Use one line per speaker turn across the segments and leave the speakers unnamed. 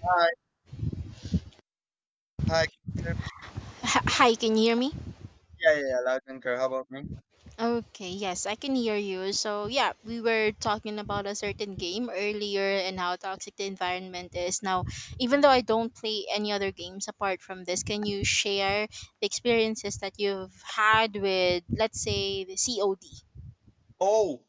Hi, hi.
Hi, can you hear me?
Yeah, yeah, yeah, loud and clear. How about me?
Okay, yes, I can hear you. So, yeah, we were talking about a certain game earlier and how toxic the environment is. Now, even though I don't play any other games apart from this, can you share the experiences that you've had with, let's say, the COD?
Oh,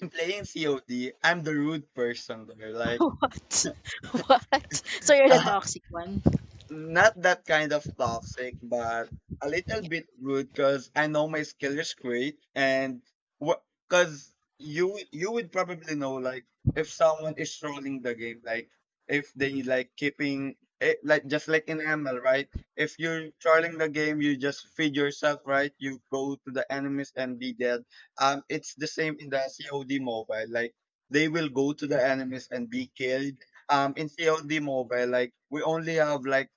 in playing COD, I'm the rude person there. Like,
What? What? So, you're the toxic one.
Not that kind of toxic, but a little
Yeah.
bit rude because I know my skill is great and what because you would probably know, like, if someone is trolling the game, like if they like keeping it, like just like in ML, right? If you're trolling the game, you just feed yourself, right? You go to the enemies and be dead. It's the same in the COD Mobile, like they will go to the enemies and be killed. In COD Mobile, like we only have like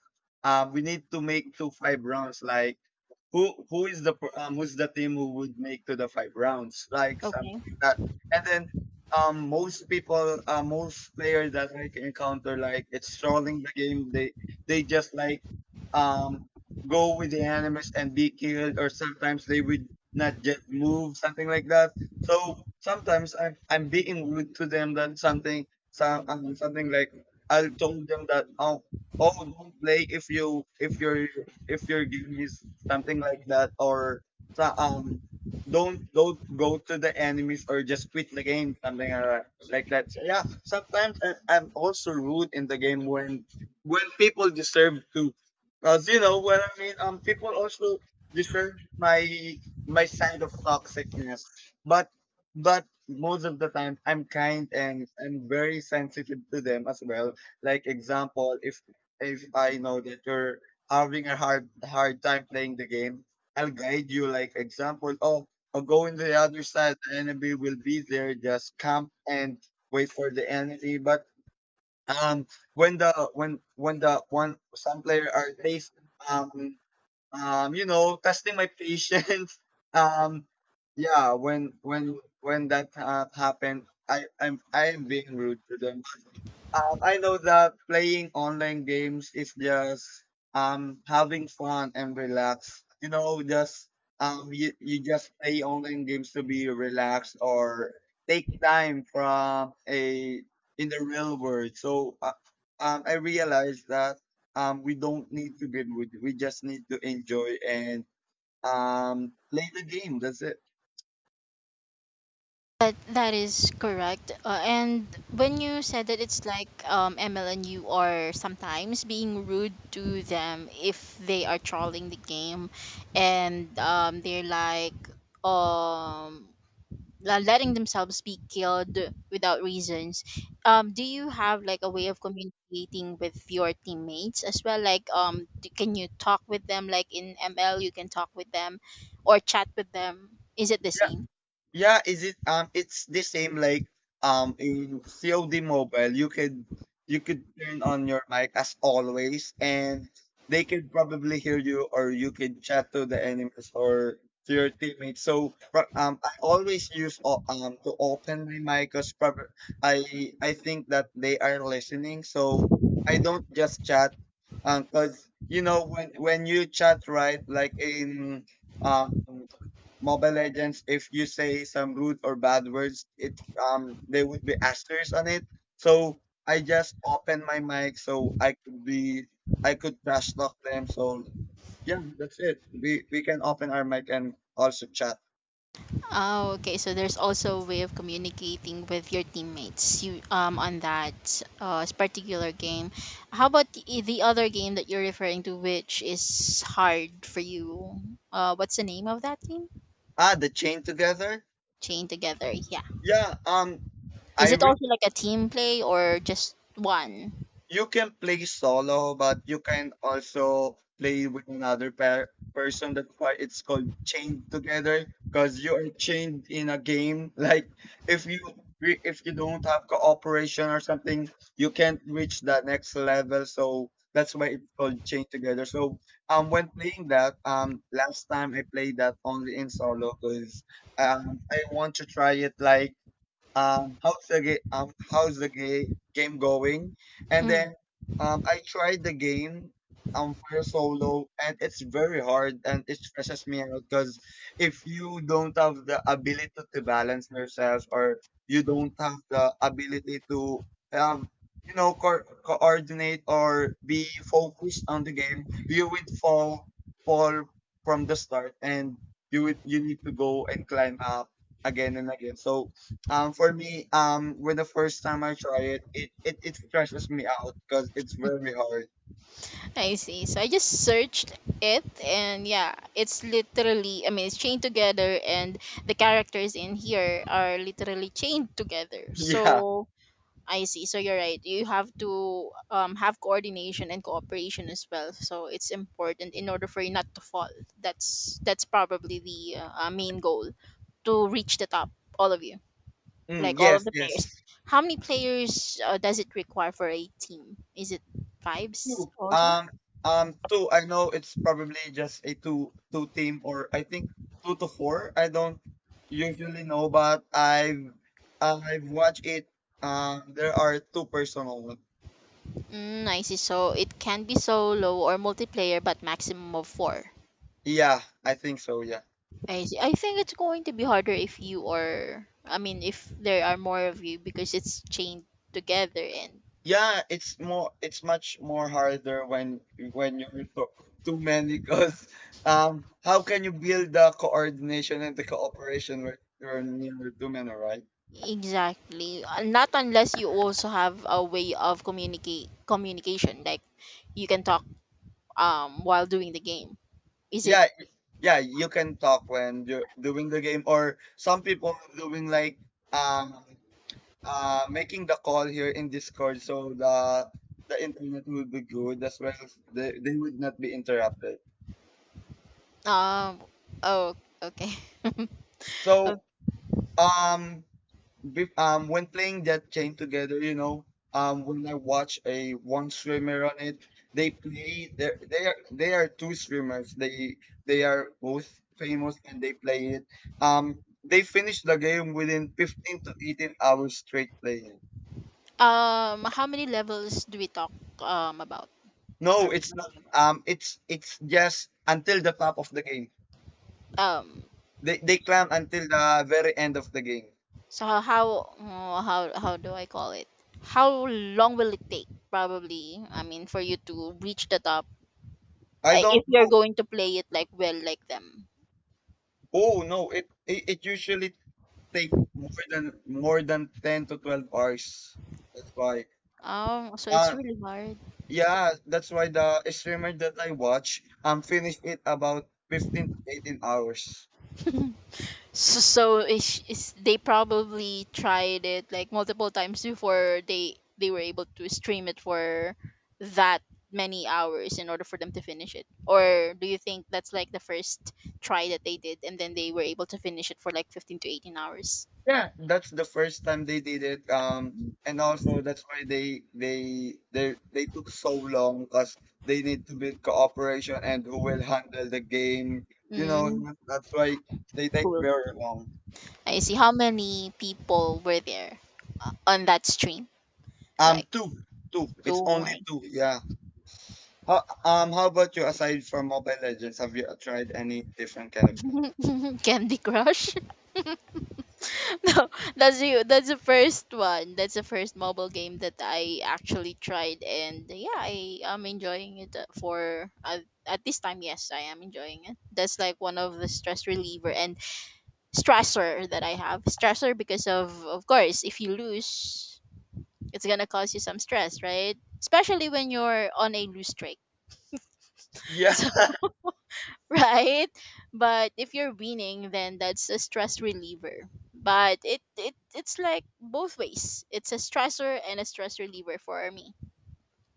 we need to make two five rounds, like who is the who's the team who would make to the 5 rounds, like something
Okay.
like that. And then most most players that I can encounter, like it's trolling the game. They just like um go with the animus and be killed, or sometimes they would not just move, something like that. So sometimes I'm being rude to them, that something, something like, I told them that, oh, oh don't play if you if your game is something like that, or so- um, don't go to the enemies, or just quit the game, something like that. Like that. So, yeah, sometimes I'm also rude in the game when people deserve to, because you know what I mean. People also deserve my side of toxicness, but most of the time I'm kind and I'm very sensitive to them as well. Like example, if I know that you're having a hard time playing the game, I'll guide you. Like example, oh, I'll go in the other side. The enemy will be there. Just camp and wait for the enemy. But um, when the one some player are facing testing my patience. Um, yeah, when that happened, I am being rude to them. I know that playing online games is just having fun and relax. You know, just you just play online games to be relaxed, or take time from a in the real world. So I realized that we don't need to get with. We just need to enjoy and play the game. That's it.
That is correct. And when you said that it's like MLN, you are sometimes being rude to them if they are trolling the game, and they're like um letting themselves be killed without reasons. Do you have like a way of communicating with your teammates as well? Like d can you talk with them? Like in ML, you can talk with them, or chat with them. Is it the same?
Yeah, is it it's the same, like, in COD Mobile you could, turn on your mic as always, and they could probably hear you, or you could chat to the enemies or to your teammates. So I always use to open my mic, because I think that they are listening. So I don't just chat because when you chat, right? Like in um Mobile Legends, if you say some rude or bad words, it there would be asterisks on it. So I just open my mic, so I could be, I could trash talk them. So yeah, that's it. We can open our mic and also chat.
Oh, okay. So there's also a way of communicating with your teammates you on that particular game. How about the other game that you're referring to, which is hard for you? What's the name of that game?
Ah, the Chain Together.
Chain Together. Yeah.
Yeah.
Is
I
it also like a team play or just one?
you can play solo, but you can also play with another pair person. That's why it's called Chained Together, because you are chained in a game. Like if if you don't have cooperation or something, you can't reach the next level. So that's why it's called Chained Together. So when playing that, last time I played that only in solo, because I want to try it, like, how's the game? How's the game going? And
Mm,
then I tried the game for solo, and it's very hard, and it stresses me out, because if you don't have the ability to balance yourself, or you don't have the ability to um coordinate or be focused on the game, you would fall from the start, and you need to go and climb up again and again. So for me, when the first time I try it, it stresses me out because it's very hard.
I see. So I just searched it, and yeah, it's literally. I mean, it's chained together, and the characters in here are literally chained together.
Yeah.
So I see. So you're right. You have to have coordination and cooperation as well. So it's important in order for you not to fall. That's probably the main goal to reach the top. All of you,
Mm,
like all of
yes.
the players.
Yes.
How many players does it require for a team? Is it fives
Two.
also?
Two. I know it's probably just a two team, or I think two to four. I don't usually know, but I've watched it. There are two personal. One.
Mm, I see. So it can be solo or multiplayer, but maximum of four.
Yeah. I think so. Yeah.
I see. I think it's going to be harder if you are, I mean, if there are more of you because it's chained together and
Yeah, it's much more harder when you're too many, because how can you build the coordination and the cooperation when you're near too many, right?
exactly. Not unless you also have a way of communicate communication, like you can talk while doing the game. Is it
Yeah, yeah, you can talk when you're doing the game, or some people are doing, like, um making the call here in Discord, so the internet will be good as well. They, would not be interrupted.
um oh, okay. Okay.
So um when playing that game together, when I watch a one streamer on it, they play, there, they are two streamers. They are both famous, and they play it, they finish the game within 15 to 18 hours straight playing.
How many levels do we talk about? Are
No,
we
it's not,
talking about?
it's it's just until the top of the game.
Um.
They climb until the very end of the game.
So how mm, how do I call it? How long will it take? Probably, I mean, for you to reach the top
I don't
if you're
know.
going to play it like well like them.
Oh, no, it it usually take more than 10 to 12 hours. That's why.
Oh, so it's
Uh
really hard.
yeah, that's why the streamer that I watch finished it about 15 to 18 hours.
So, is they probably tried it like multiple times before they were able to stream it for that many hours in order for them to finish it. Or do you think that's like the first try that they did and then they were able to finish it for like 15 to 18 hours?
Yeah, that's the first time they did it. And also, that's why they took so long, because they need to build cooperation and who will handle the game. You know,
Mm,
that's why they take
Full.
very long.
I see. How many people were there on that stream?
Um
Like
two, two. It's
two.
only
I-
two. Yeah. How about you, aside from Mobile Legends, have you tried any different kind of?
Candy Crush. No, that's you. That's the first one. That's the first mobile game that I actually tried, and yeah, I am enjoying it for at this time. Yes, I am enjoying it. That's like one of the stress reliever and stressor that I have. Stressor because of course, if you lose, it's gonna cause you some stress, right? Especially when you're on a lose streak.
Yeah,
Right? But if you're winning, then that's a stress reliever. But it's like both ways. It's a stressor and a stress reliever for me.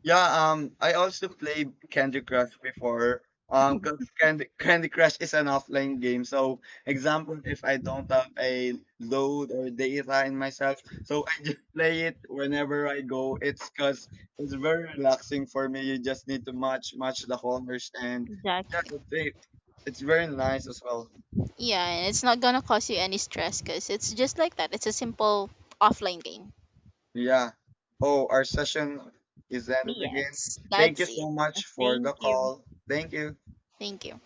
Yeah, I also played Candy Crush before. Cuz Candy Crush is an offline game. So, example, if I don't have a load or data in myself, so I just play it whenever I go. It's cuz it's very relaxing for me. You just need to match the corners, and yeah,
Exactly.
that's it. It's very nice as well.
Yeah, and it's not gonna cause you any stress because it's just like that. It's a simple offline game.
Yeah. Oh, our session is ended again. Thank you
That's it.
so much for the call. Thank you.
Thank you.